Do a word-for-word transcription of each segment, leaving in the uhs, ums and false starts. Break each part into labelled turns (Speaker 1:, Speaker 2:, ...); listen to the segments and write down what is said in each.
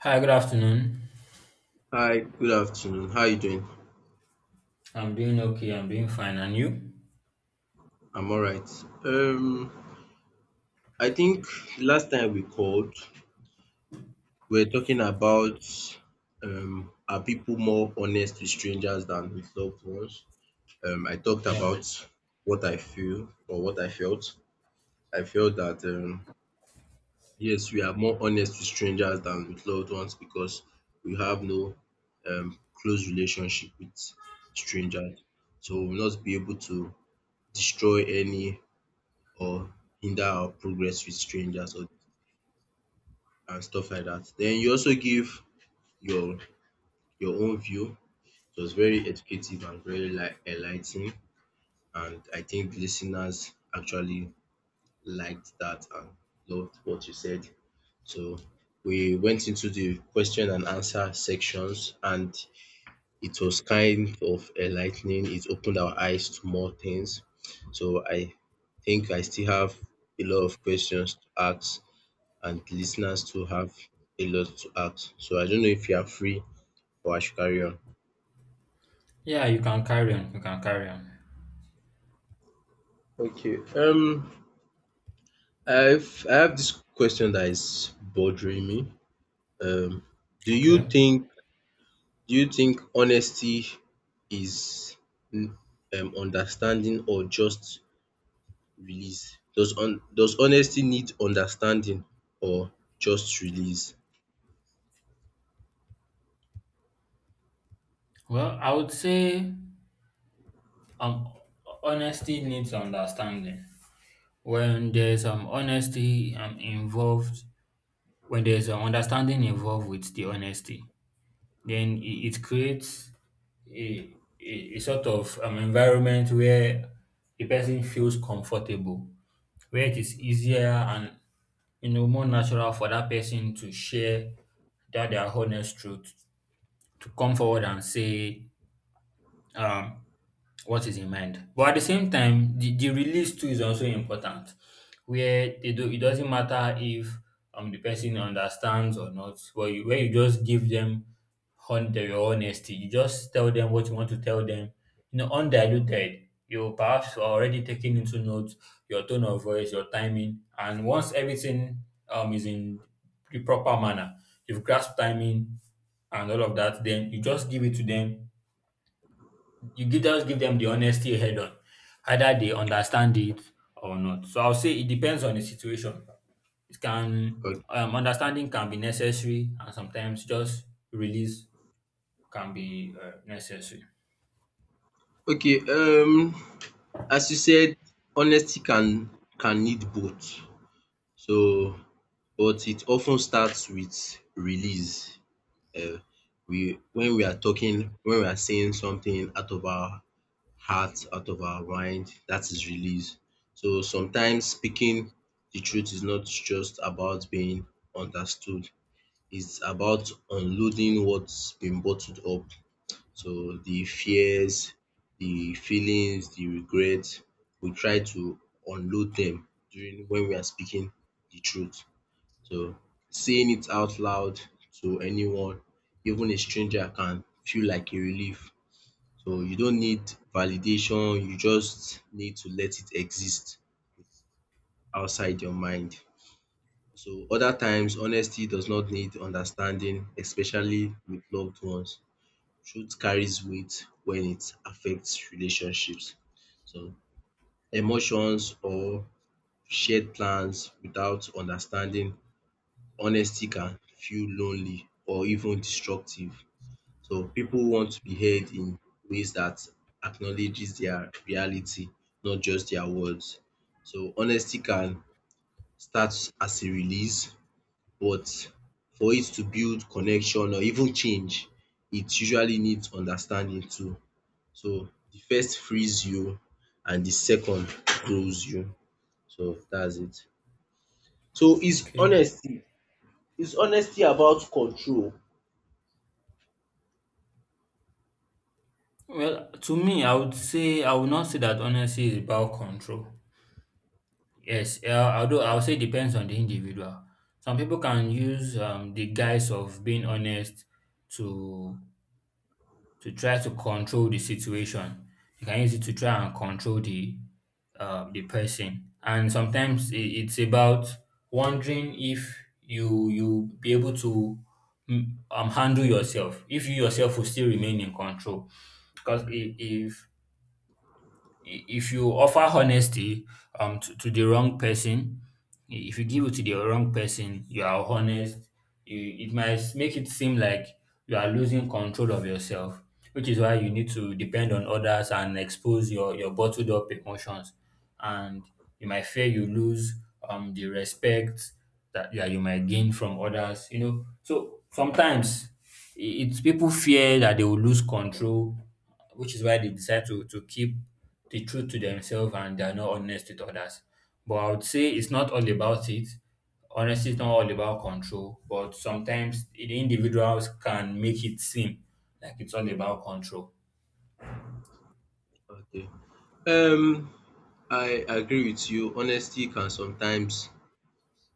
Speaker 1: Hi, good afternoon.
Speaker 2: Hi, good afternoon. How are you doing?
Speaker 1: I'm doing okay. I'm doing fine. And you?
Speaker 2: I'm all right. Um, I think last time we called, we were talking about um, are people more honest with strangers than with loved ones? Um, I talked
Speaker 1: Yeah.
Speaker 2: about what I feel or what I felt. I felt that um, yes, we are more honest with strangers than with loved ones because we have no um, close relationship with strangers, so we'll not be able to destroy any or hinder our progress with strangers or and stuff like that. Then you also give your your own view. It was very educative and very like enlightening, and I think the lis actually liked that and loved what you said. So we went into the question and answer sections, and it was kind of enlightening. It opened our eyes to more things. So I think I still have a lot of questions to ask, and listeners too have a lot to ask. So I don't know if you are free or I should carry on.
Speaker 1: Yeah, you can carry on. You can carry on.
Speaker 2: Okay. Um, I've I have this question that is bothering me. Um, do
Speaker 1: Okay.
Speaker 2: you think do you think honesty is mm, um understanding or just release? Does on does honesty need understanding or just release?
Speaker 1: Well, I would say um honesty needs understanding. When there's um honesty um involved, when there's um understanding involved with the honesty, then it, it creates a, a, a sort of um environment where the person feels comfortable, where it is easier and, you know, more natural for that person to share that their honest truth, to come forward and say, um, what is in mind. But at the same time, the, the release too is also important, where they do, it doesn't matter if um the person understands or not. But you, where you just give them on their honesty, you just tell them what you want to tell them, you know, undiluted. You perhaps are already taking into note your tone of voice, your timing, and once everything um is in the proper manner, you've grasped timing and all of that, then you just give it to them you give just give them the honesty head on, either they understand it or not. So I'll say it depends on the situation. It can
Speaker 2: Okay.
Speaker 1: um, understanding can be necessary, and sometimes just release can be uh, necessary.
Speaker 2: Okay. Um, as you said, honesty can can need both. So but it often starts with release. Um we when we are talking When we are saying something out of our heart, out of our mind, that is release. So sometimes speaking the truth is not just about being understood, it's about unloading what's been bottled up. So the fears, the feelings, the regrets, we try to unload them during when we are speaking the truth. So saying it out loud to anyone, even a stranger, can feel like a relief. So you don't need validation, you just need to let it exist outside your mind. So other times, honesty does not need understanding, especially with loved ones. Truth carries weight when it affects relationships. So emotions or shared plans without understanding honesty can feel lonely or even destructive. So people want to be heard in ways that acknowledges their reality, not just their words. So honesty can start as a release, but for it to build connection or even change, it usually needs understanding too. So the first frees you and the second grows you. So that's it. So is
Speaker 1: Okay.
Speaker 2: honesty is honesty about control.
Speaker 1: Well, to me, I would say I would not say that honesty is about control. Yes, uh, although I would say it depends on the individual. Some people can use um, the guise of being honest to to try to control the situation. You can use it to try and control the uh, the person. And sometimes i- it's about wondering if you you be able to mm, um, handle yourself, if you yourself will still remain in control. Because if I- if you offer honesty um to, to the wrong person, i- if you give it to the wrong person you are honest, you, it might make it seem like you are losing control of yourself, which is why you need to depend on others and expose your your bottled up emotions and you might fear you lose um the respect that, yeah, you might gain from others, you know, so sometimes i- it's people fear that they will lose control, which is why they decide to to keep the truth to themselves and they are not honest with others. But I would say it's not all about it. Honesty is not all about control, but sometimes the individuals can make it seem like it's all about control.
Speaker 2: Okay. Um, I agree with you. Honesty can sometimes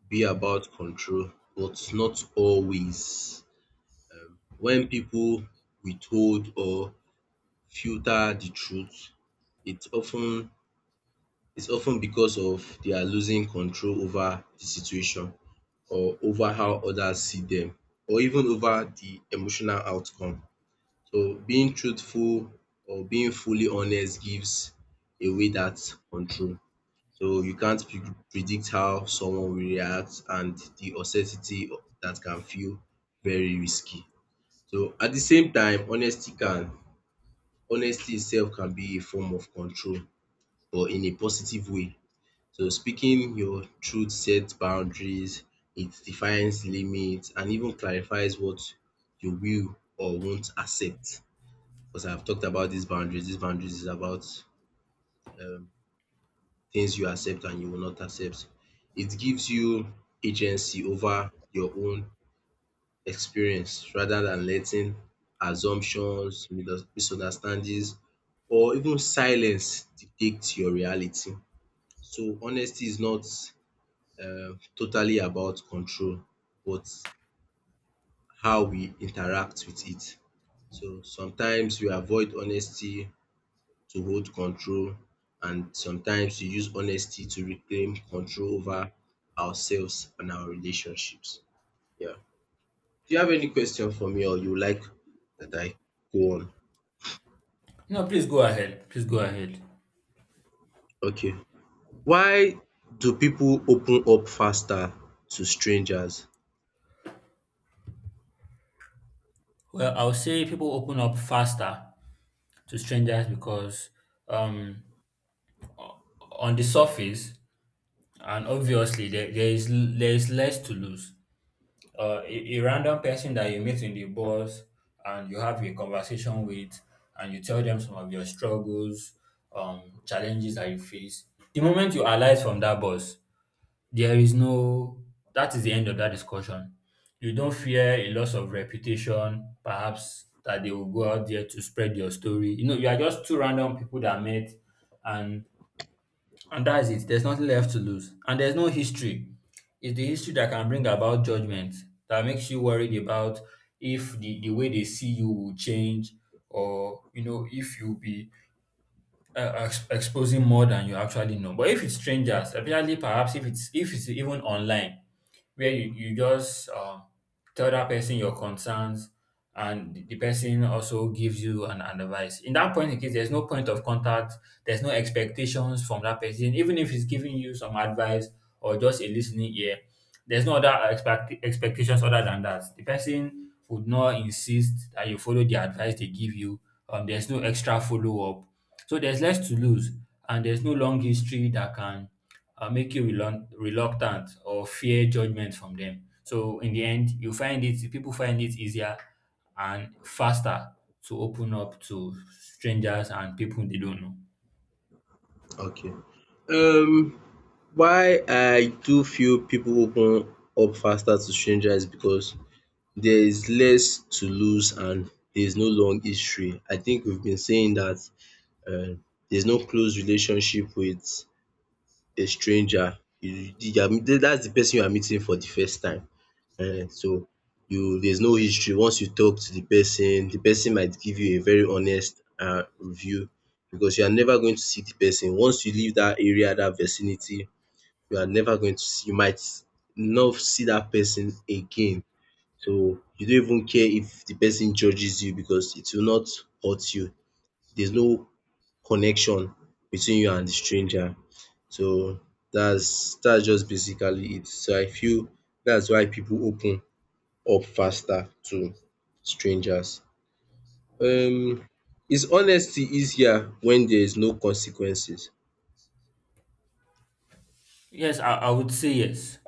Speaker 2: be about control, but not always. When people withhold or filter the truth, it often it's often because of they are losing control over the situation, or over how others see them, or even over the emotional outcome. So being truthful or being fully honest gives away that control. So you can't pre- predict how someone will react, and the uncertainty that can feel very risky. So at the same time, honesty can honesty itself can be a form of control, but in a positive way. So speaking your truth sets boundaries, it defines limits and even clarifies what you will or won't accept. Because I've talked about these boundaries. These boundaries is about um things you accept and you will not accept. It gives you agency over your own experience rather than letting assumptions, misunderstandings or even silence dictate your reality. So honesty is not um totally about control, but how we interact with it. So sometimes we avoid honesty to hold control, and sometimes we use honesty to reclaim control over ourselves and our relationships. Yeah. Do you have any question for me, or you would like that I go on?
Speaker 1: No, please go ahead. Please go ahead.
Speaker 2: Okay. Why do people open up faster to strangers?
Speaker 1: Well, I'll say people open up faster to strangers because, um, on the surface, and obviously there, there is there is less to lose. uh, a, a random person that you meet in the bus and you have a conversation with, and you tell them some of your struggles, um challenges that you face, the moment you alight from that bus, there is no, that is the end of that discussion. You don't fear a loss of reputation, perhaps that they will go out there to spread your story. You know, you are just two random people that met, and and that's it. There's nothing left to lose. And there's no history. It's the history that can bring about judgment, that makes you worried about if the, the way they see you will change or, you know, if you'll be uh, ex- exposing more than you actually know. But if it's strangers, especially perhaps if it's if it's even online, where you, you just um, tell that person your concerns, and the the person also gives you an, an advice. In that point in case there's no point of contact, there's no expectations from that person. Even if he's giving you some advice or just a listening ear, there's no other expect, expectations other than that. The person would not insist that you follow the advice they give you. Um, there's no extra follow up. So there's less to lose and there's no long history that can uh, make you reluct- reluctant or fear judgment from them. So in the end, you find it people find it easier and faster to open up to strangers and people they don't know.
Speaker 2: Okay. Um why I do feel people open up faster to strangers because there is less to lose and there is no long history. I think we've been saying that um there's no close relationship with a stranger. You you are That's the person you are meeting for the first time. um So you there's no history. Once you talk to the person, the person might give you a very honest um review, because you are never going to see the person. Once you leave that area, that vicinity, you are never going to see, you might not see that person again. So you don't even care if the person judges you, because it will not hurt you. There's no connection between you and the stranger. So that's that's just basically it. So I feel that's why people open up faster to strangers. Um is honesty easier when there is no consequences?
Speaker 1: Yes, I, I would say yes.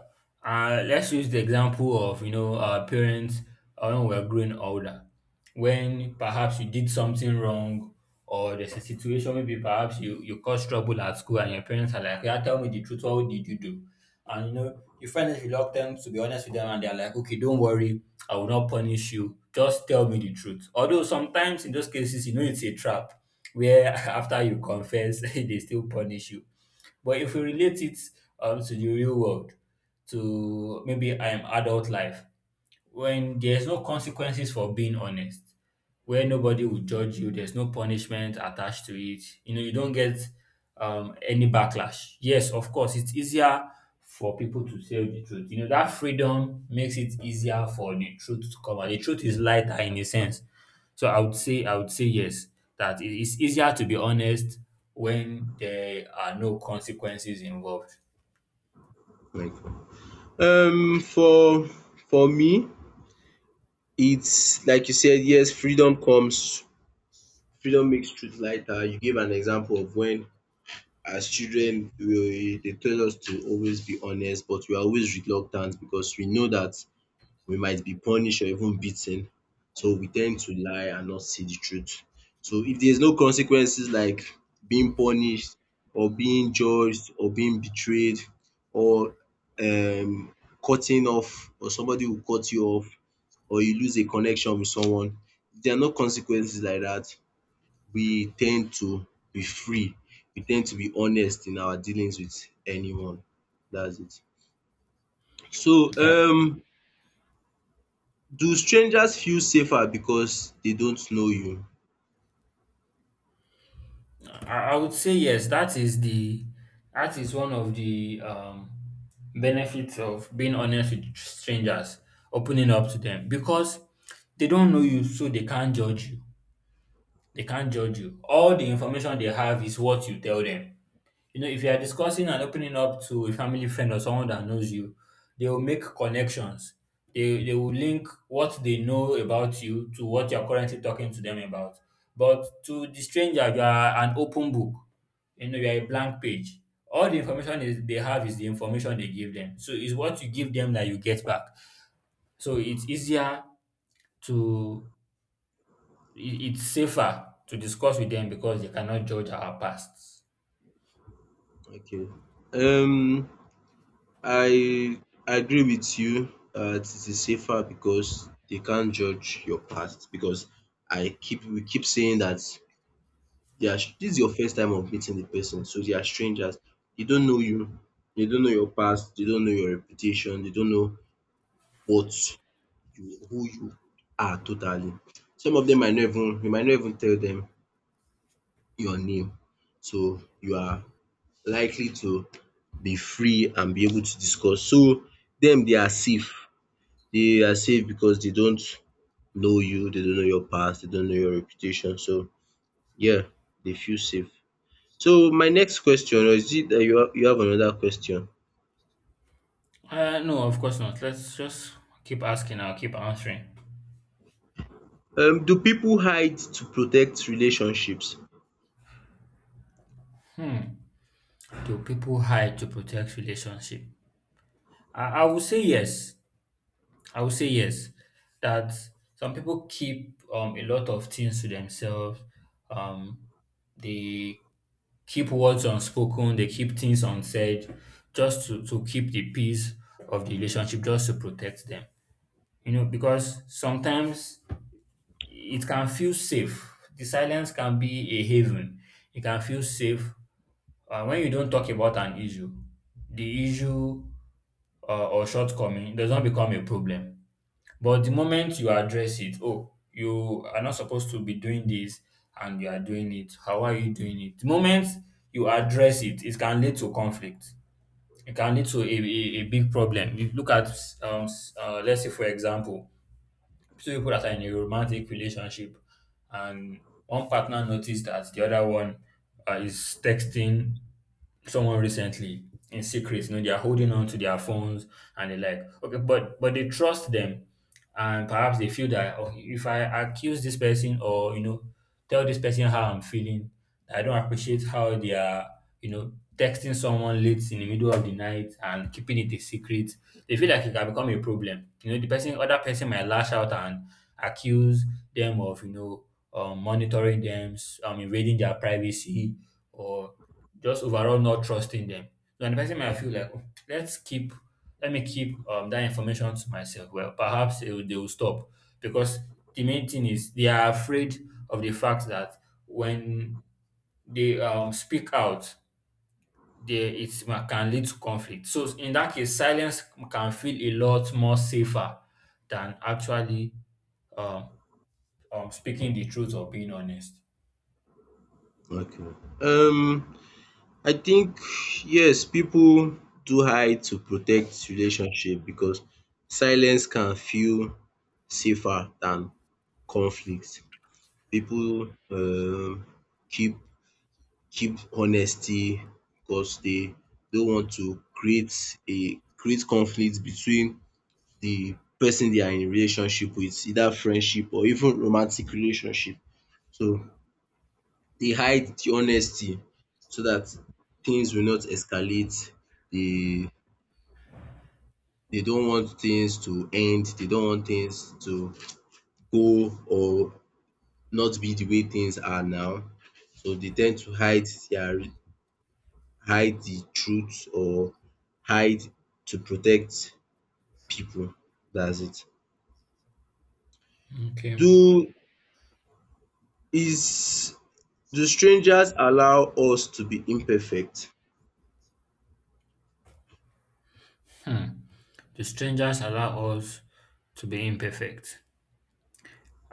Speaker 1: Uh, let's use the example of, you know, our parents, uh, when we are growing older, when perhaps you did something wrong or there's a situation, maybe perhaps you you caused trouble at school and your parents are like, yeah, tell me the truth, what did you do? And you know your friend is reluctant to be honest with them and they're like, okay, don't worry, I will not punish you. Just tell me the truth. Although sometimes in those cases, you know it's a trap where after you confess, they still punish you. But if we relate it um, to the real world, to maybe um, adult life, when there's no consequences for being honest, where nobody will judge you, there's no punishment attached to it. You know, you don't get um, any backlash. Yes, of course, it's easier for people to say the truth. You know, that freedom makes it easier for the truth to come out. The truth is lighter in a sense. So I would say, I would say yes, that it is easier to be honest when there are no consequences involved.
Speaker 2: Like um for for me it's like you said, yes, freedom comes freedom makes truth lighter. You gave an example of when as children we they tell us to always be honest, but we are always reluctant because we know that we might be punished or even beaten, so we tend to lie and not see the truth. So if there is no consequences like being punished or being judged or being betrayed or um cutting off or somebody will cut you off or you lose a connection with someone, if there are no consequences like that, we tend to be free, we tend to be honest in our dealings with anyone. That's it. So um do strangers feel safer because they don't know you?
Speaker 1: I I would say yes. That is the, that is one of the um, benefits of being honest with strangers, opening up to them because they don't know you, so they can't judge you. They can't judge you. All the information they have is what you tell them. You know, if you are discussing and opening up to a family friend or someone that knows you, they will make connections. They, they will link what they know about you to what you're currently talking to them about. But to the stranger, you are an open book. You know, you are a blank page. All the information is, they have is the information they give them. So it's what you give them that you get back. So it's easier to, it- it's safer to discuss with them because they cannot judge our pasts.
Speaker 2: Okay. Um I agree with you that it is safer because they can't judge your past, because I keep we keep saying that they are this is your first time of meeting the person, so they are strangers. They don't know you, they don't know your past, they don't know your reputation, they don't know what you who you are totally. Some of them might not even you might not even tell them your name, so you are likely to be free and be able to discuss. So them, they are safe, they are safe because they don't know you, they don't know your past, they don't know your reputation, so yeah, they feel safe. So my next question, or is it that you have you have another question?
Speaker 1: Uh, no, of course not. Let's just keep asking. I'll keep answering.
Speaker 2: Um do people hide to protect relationships?
Speaker 1: Do people hide to protect relationship? I, I would say yes. I would say yes. That some people keep um, a lot of things to themselves. Um, they keep words unspoken. They keep things unsaid, just to to keep the peace of the relationship, just to protect them. You know, because sometimes it can feel safe. The silence can be a haven. It can feel safe. Uh, when you don't talk about an issue, the issue, uh, or shortcoming, does not become a problem. But the moment you address it, oh, you are not supposed to be doing this and you are doing it. How are you doing it? The moment you address it, it can lead to conflict. It can lead to a, a, a big problem. You look at, um, s- uh, let's say, for example, two people that are in a romantic relationship, and one partner noticed that the other one uh, is texting someone recently in secret. You know, they are holding on to their phones and they're like, okay, but but they trust them, and perhaps they feel that, oh, if I accuse this person, or, you know, tell this person how I'm feeling, I don't appreciate how they are, you know, texting someone late in the middle of the night and keeping it a secret. They feel like it can become a problem. You know, the person, other person might lash out and accuse them of, you know, um, monitoring them, s- um, invading their privacy, or just overall not trusting them. So and the person might feel like, "Oh, let's keep let me keep um that information to myself. Well, perhaps they will, they will stop because the main thing is they are afraid of the fact that when they um speak out, they it can lead to conflict. So in that case, silence can feel a lot more safer than actually um, um speaking the truth or being honest.
Speaker 2: Okay, um I think yes, people do hide to protect relationship because silence can feel safer than conflict. People um keep keep honesty because they don't want to create a create conflict between the person they are in relationship with, either friendship or even romantic relationship. So they hide the honesty so that things will not escalate. They they don't want things to end, they don't want things to go or not be the way things are now. So they tend to hide their hide the truth, or hide to protect people. That's it.
Speaker 1: Okay.
Speaker 2: Do is do strangers allow us to be imperfect?
Speaker 1: Hmm. The strangers allow us to be imperfect.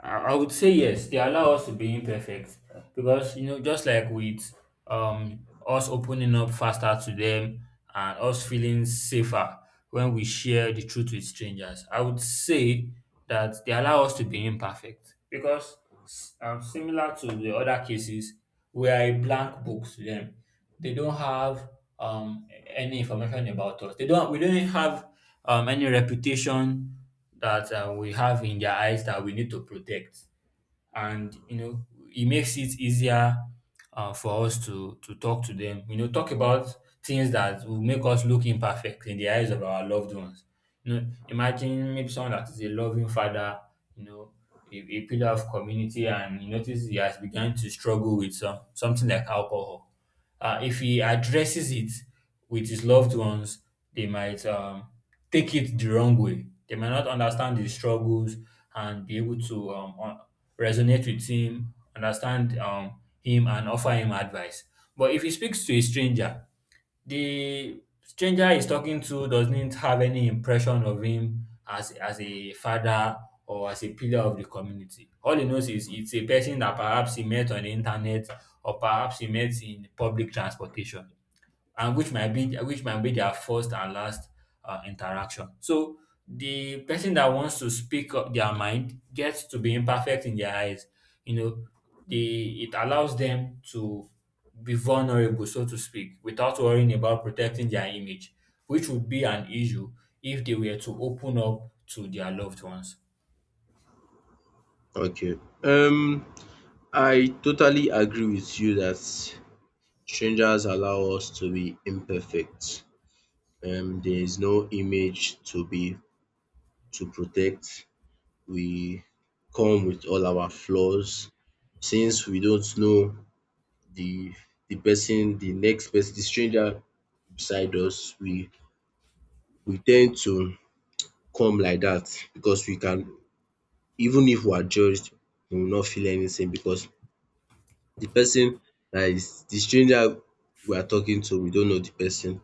Speaker 1: I I would say yes, they allow us to be imperfect because, you know, just like with um us opening up faster to them and us feeling safer when we share the truth with strangers, I would say that they allow us to be imperfect because, s- um, similar to the other cases, we are a blank book to them. They don't have um any information about us. They don't. We don't have um any reputation that uh, we have in their eyes that we need to protect, and you know it makes it easier uh, for us to to talk to them. You know, talk about things that will make us look imperfect in the eyes of our loved ones. You know, imagine maybe someone that is a loving father, you know, a, a pillar of community, and you notice he has begun to struggle with some something like alcohol. Uh, if he addresses it with his loved ones, they might um, take it the wrong way. They might not understand his struggles and be able to um, un- resonate with him, understand um, him, and offer him advice. But if he speaks to a stranger, the stranger he's talking to doesn't have any impression of him as as a father or as a pillar of the community. All he knows is it's a person that perhaps he met on the internet or perhaps he met in public transportation, and which might be which might be their first and last uh, interaction. So the person that wants to speak up their mind gets to be imperfect in their eyes. You know, the it allows them to be vulnerable, so to speak, without worrying about protecting their image, which would be an issue if they were to open up to their loved ones.
Speaker 2: Okay, um I totally agree with you that strangers allow us to be imperfect. Um, there is no image to be to protect. We come with all our flaws. Since we don't know the the person, the next person, the stranger beside us, we we tend to come like that because we can. Even if we are judged, we will not feel anything because the person that is the stranger we are talking to, we don't know the person.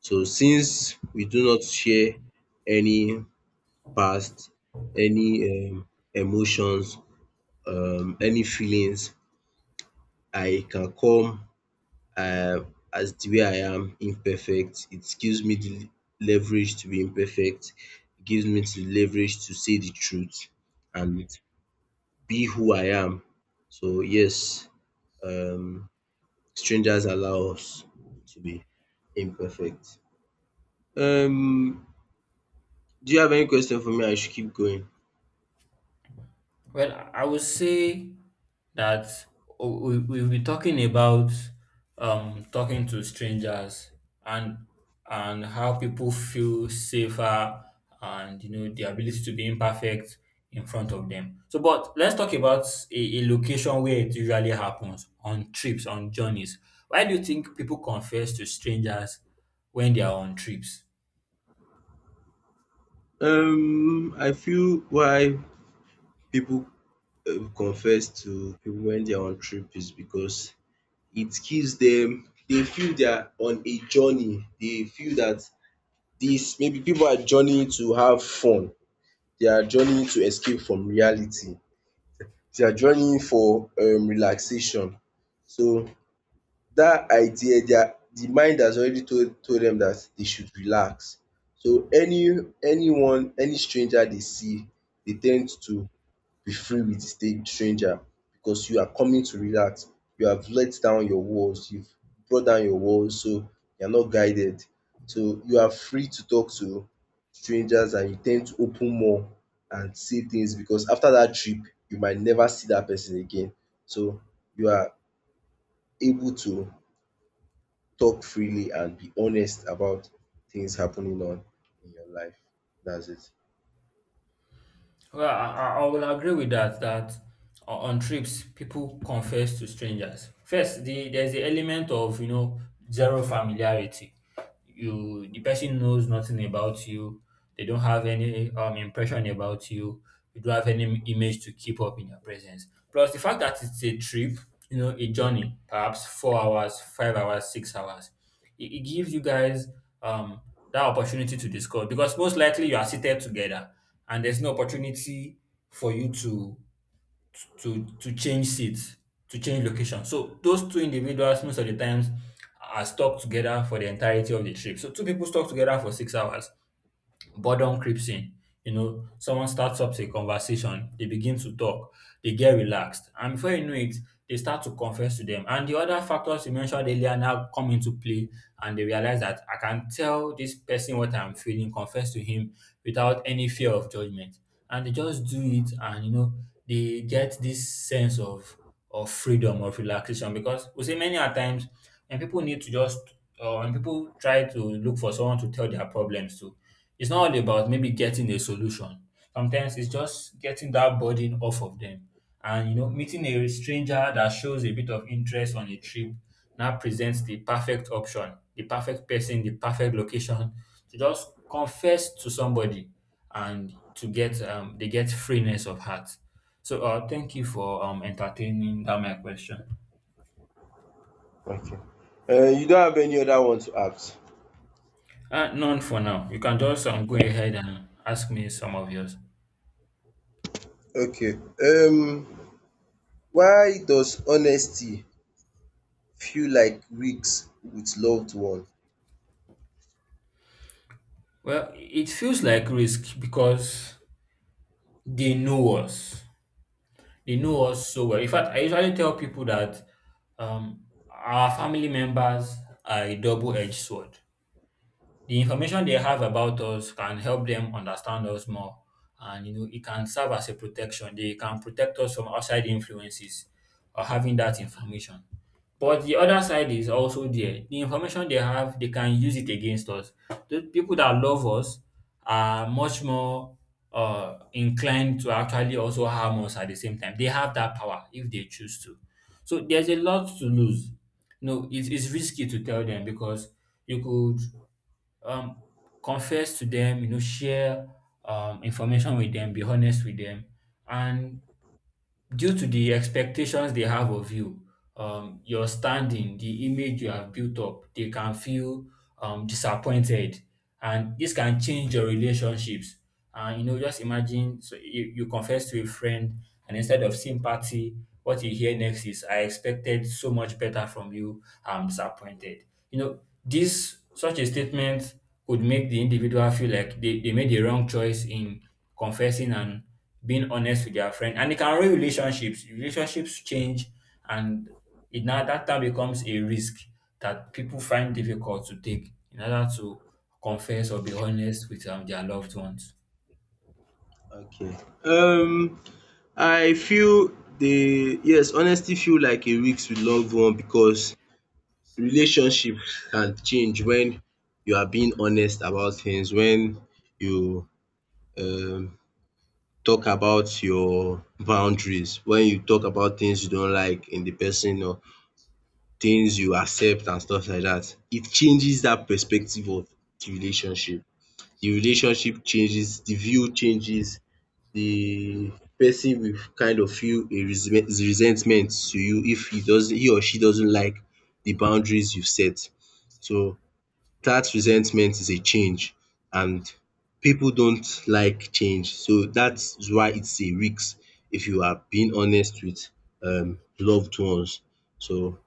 Speaker 2: So since we do not share any past, any um emotions, um any feelings, I can come um as the way I am imperfect. It gives me the leverage to be imperfect, it gives me the leverage to say the truth and be who I am. So yes, um strangers allow us to be imperfect. Um, do you have any question for me? I should keep going.
Speaker 1: Well, I I would say that we, we've been talking about um, talking to strangers, and and how people feel safer and you know the ability to be imperfect in front of them. So, but let's talk about a, a location where it usually happens: on trips, on journeys. Why do you think people confess to strangers when they are on trips?
Speaker 2: Um, I feel why people um confess to people when they are on trip is because it gives them they feel they are on a journey. They feel that this maybe people are journeying to have fun. They are journeying to escape from reality. They are journeying for um relaxation. So that idea, their the mind has already told told them that they should relax. So any anyone, any stranger they see, they tend to be free with the sta- stranger, because you are coming to relax. You have let down your walls, you've brought down your walls, so you're not guided. So you are free to talk to strangers, and you tend to open more and say things because after that trip, you might never see that person again. So you are able to talk freely and be honest about things happening on in your life. That's it.
Speaker 1: Well, I, I I will agree with that, that o- on trips, people confess to strangers. First, the there's the element of, you know, zero familiarity. You The person knows nothing about you. They don't have any um impression about you. You don't have any image to keep up in your presence. Plus, the fact that it's a trip, you know, a journey, perhaps four hours, five hours, six hours. It, it gives you guys um, that opportunity to discuss because most likely you are seated together, and there's no opportunity for you to to to change seats, to change location. So those two individuals most of the times are stuck together for the entirety of the trip. So two people stuck together for six hours, boredom creeps in. You know, someone starts up a conversation, they begin to talk, they get relaxed, and before you know it, they start to confess to them. And the other factors you mentioned earlier now come into play, and they realize that I can tell this person what I'm feeling, confess to him without any fear of judgment. And they just do it, and you know, they get this sense of of freedom, of relaxation, because we see many a times when people need to just uh, and people try to look for someone to tell their problems to. It's not all about maybe getting a solution. Sometimes it's just getting that burden off of them. And you know, meeting a stranger that shows a bit of interest on a trip now presents the perfect option, the perfect person, the perfect location to just confess to somebody and to get um, they get freeness of heart. So uh, thank you for um, entertaining that my question.
Speaker 2: Okay. Um you don't have any other one to ask?
Speaker 1: Uh, none for now. You can just um, go ahead and ask me some of yours.
Speaker 2: Okay. Um why does honesty feel like risk with loved one?
Speaker 1: Well, it feels like risk because they know us. They know us so well. In fact, I usually tell people that um, our family members are a double edged sword. The information they have about us can help them understand us more, and you know it can serve as a protection. They can protect us from outside influences or having that information. But the other side is also there: the information they have, they can use it against us. The people that love us are much more uh inclined to actually also harm us. At the same time, they have that power if they choose to, so there's a lot to lose. No, it's, it's risky to tell them because you could um, confess to them, you know, share um, information with them, be honest with them. And due to the expectations they have of you, um, your standing, the image you have built up, they can feel um, disappointed, and this can change your relationships. And you know, just imagine, so you, you confess to a friend, and instead of sympathy, what you hear next is, "I expected so much better from you. I'm disappointed." You know, this such a statement could make the individual feel like they, they made the wrong choice in confessing and being honest with their friend, and it can ruin relationships. Relationships change, and it now that time becomes a risk that people find difficult to take in order to confess or be honest with um, their loved ones.
Speaker 2: Okay. Um I feel the yes honesty feel like a risk with loved one because relationship can change when you are being honest about things, when you um talk about your boundaries, when you talk about things you don't like in the person or things you accept and stuff like that. It changes that perspective of the relationship. The relationship changes, the view changes, the person will kind of feel a resent resentment to you if he doesn't he or she doesn't like the boundaries you've set. So that resentment is a change, and people don't like change, so that's why it's a risk if you are being honest with um loved ones. So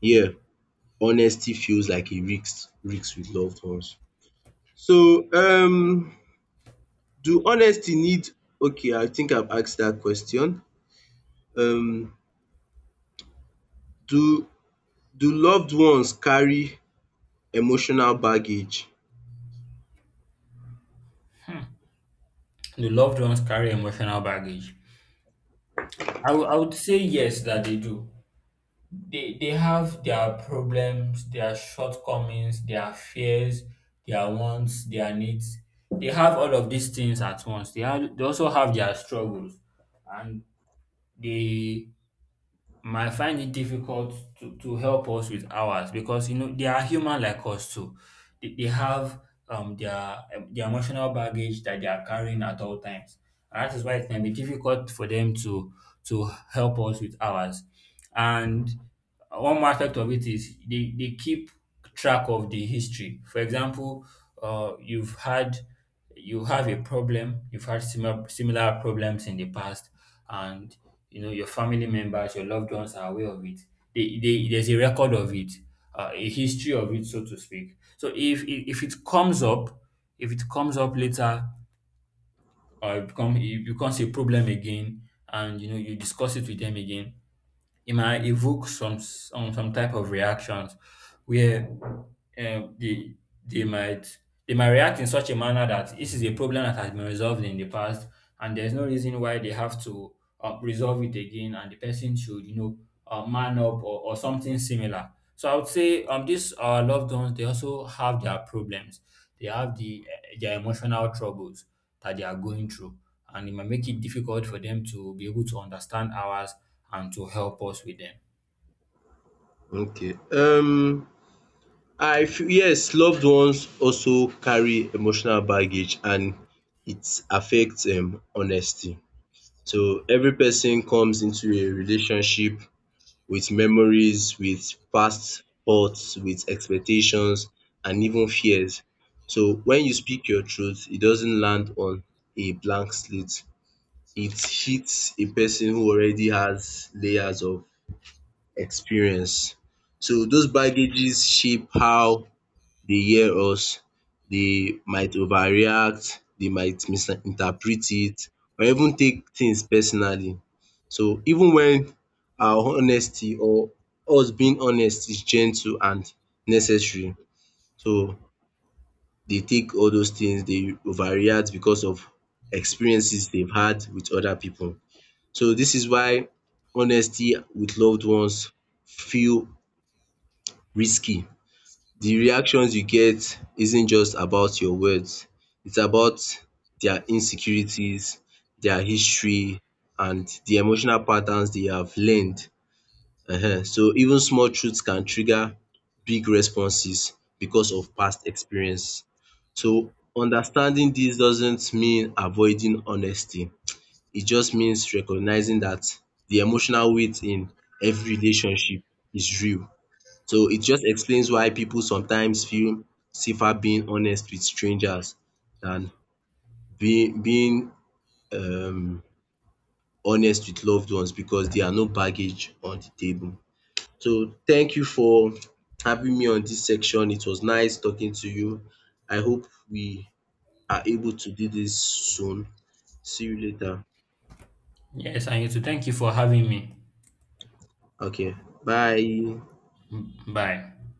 Speaker 2: yeah, honesty feels like a risk risk with loved ones. So um do honesty need, okay, I think I've asked that question. um do do loved ones carry emotional baggage?
Speaker 1: The loved ones carry emotional baggage? I wou- I would say yes, that they do. They, they have their problems, their shortcomings, their fears, their wants, their needs. They have all of these things at once. They, have, they also have their struggles, and they might find it difficult to, to help us with ours because you know they are human like us too. They, they have um their um, their emotional baggage that they are carrying at all times. And that is why it can be difficult for them to to help us with ours. And uh, one more aspect of it is they they keep track of the history. For example, uh, you've had you have a problem, you've had similar similar problems in the past, and you know your family members, your loved ones are aware of it. They, they, there's a record of it, uh, a history of it, so to speak. So if if it comes up, if it comes up later, or it, become, it becomes a problem again, and you know you discuss it with them again, it might evoke some some, some type of reactions where um, they they might they might react in such a manner that this is a problem that has been resolved in the past, and there's no reason why they have to uh, resolve it again, and the person should, you know, uh, man up, or or something similar. So I would say um these our loved ones, they also have their problems. They have the eh, their emotional troubles that they are going through, and it might make it difficult for them to be able to understand ours and to help us with them.
Speaker 2: Okay, um I feel yes, loved ones also carry emotional baggage, and it affects um honesty. So every person comes into a relationship with memories, with past thoughts, with expectations and even fears. So when you speak your truth, it doesn't land on a blank slate. It hits a person who already has layers of experience. So those baggages shape how they hear us, they might overreact, they might misinterpret it or even take things personally. So even when our honesty or us being honest is gentle and necessary, so they take all those things, they overreact because of experiences they've had with other people. So this is why honesty with loved ones feel risky. The reactions you get isn't just about your words. It's about their insecurities, their history, and the emotional patterns they have learned. um So even small truths can trigger big responses because of past experience. So understanding this doesn't mean avoiding honesty. It just means recognizing that the emotional weight in every relationship is real. So it just explains why people sometimes feel safer being honest with strangers than being being um honest with loved ones, because there are no baggage on the table. So thank you for having me on this section. It was nice talking to you. I hope we are able to do this soon. See you later.
Speaker 1: Yes, I need to thank you for having me.
Speaker 2: Okay, bye.
Speaker 1: Mm, bye.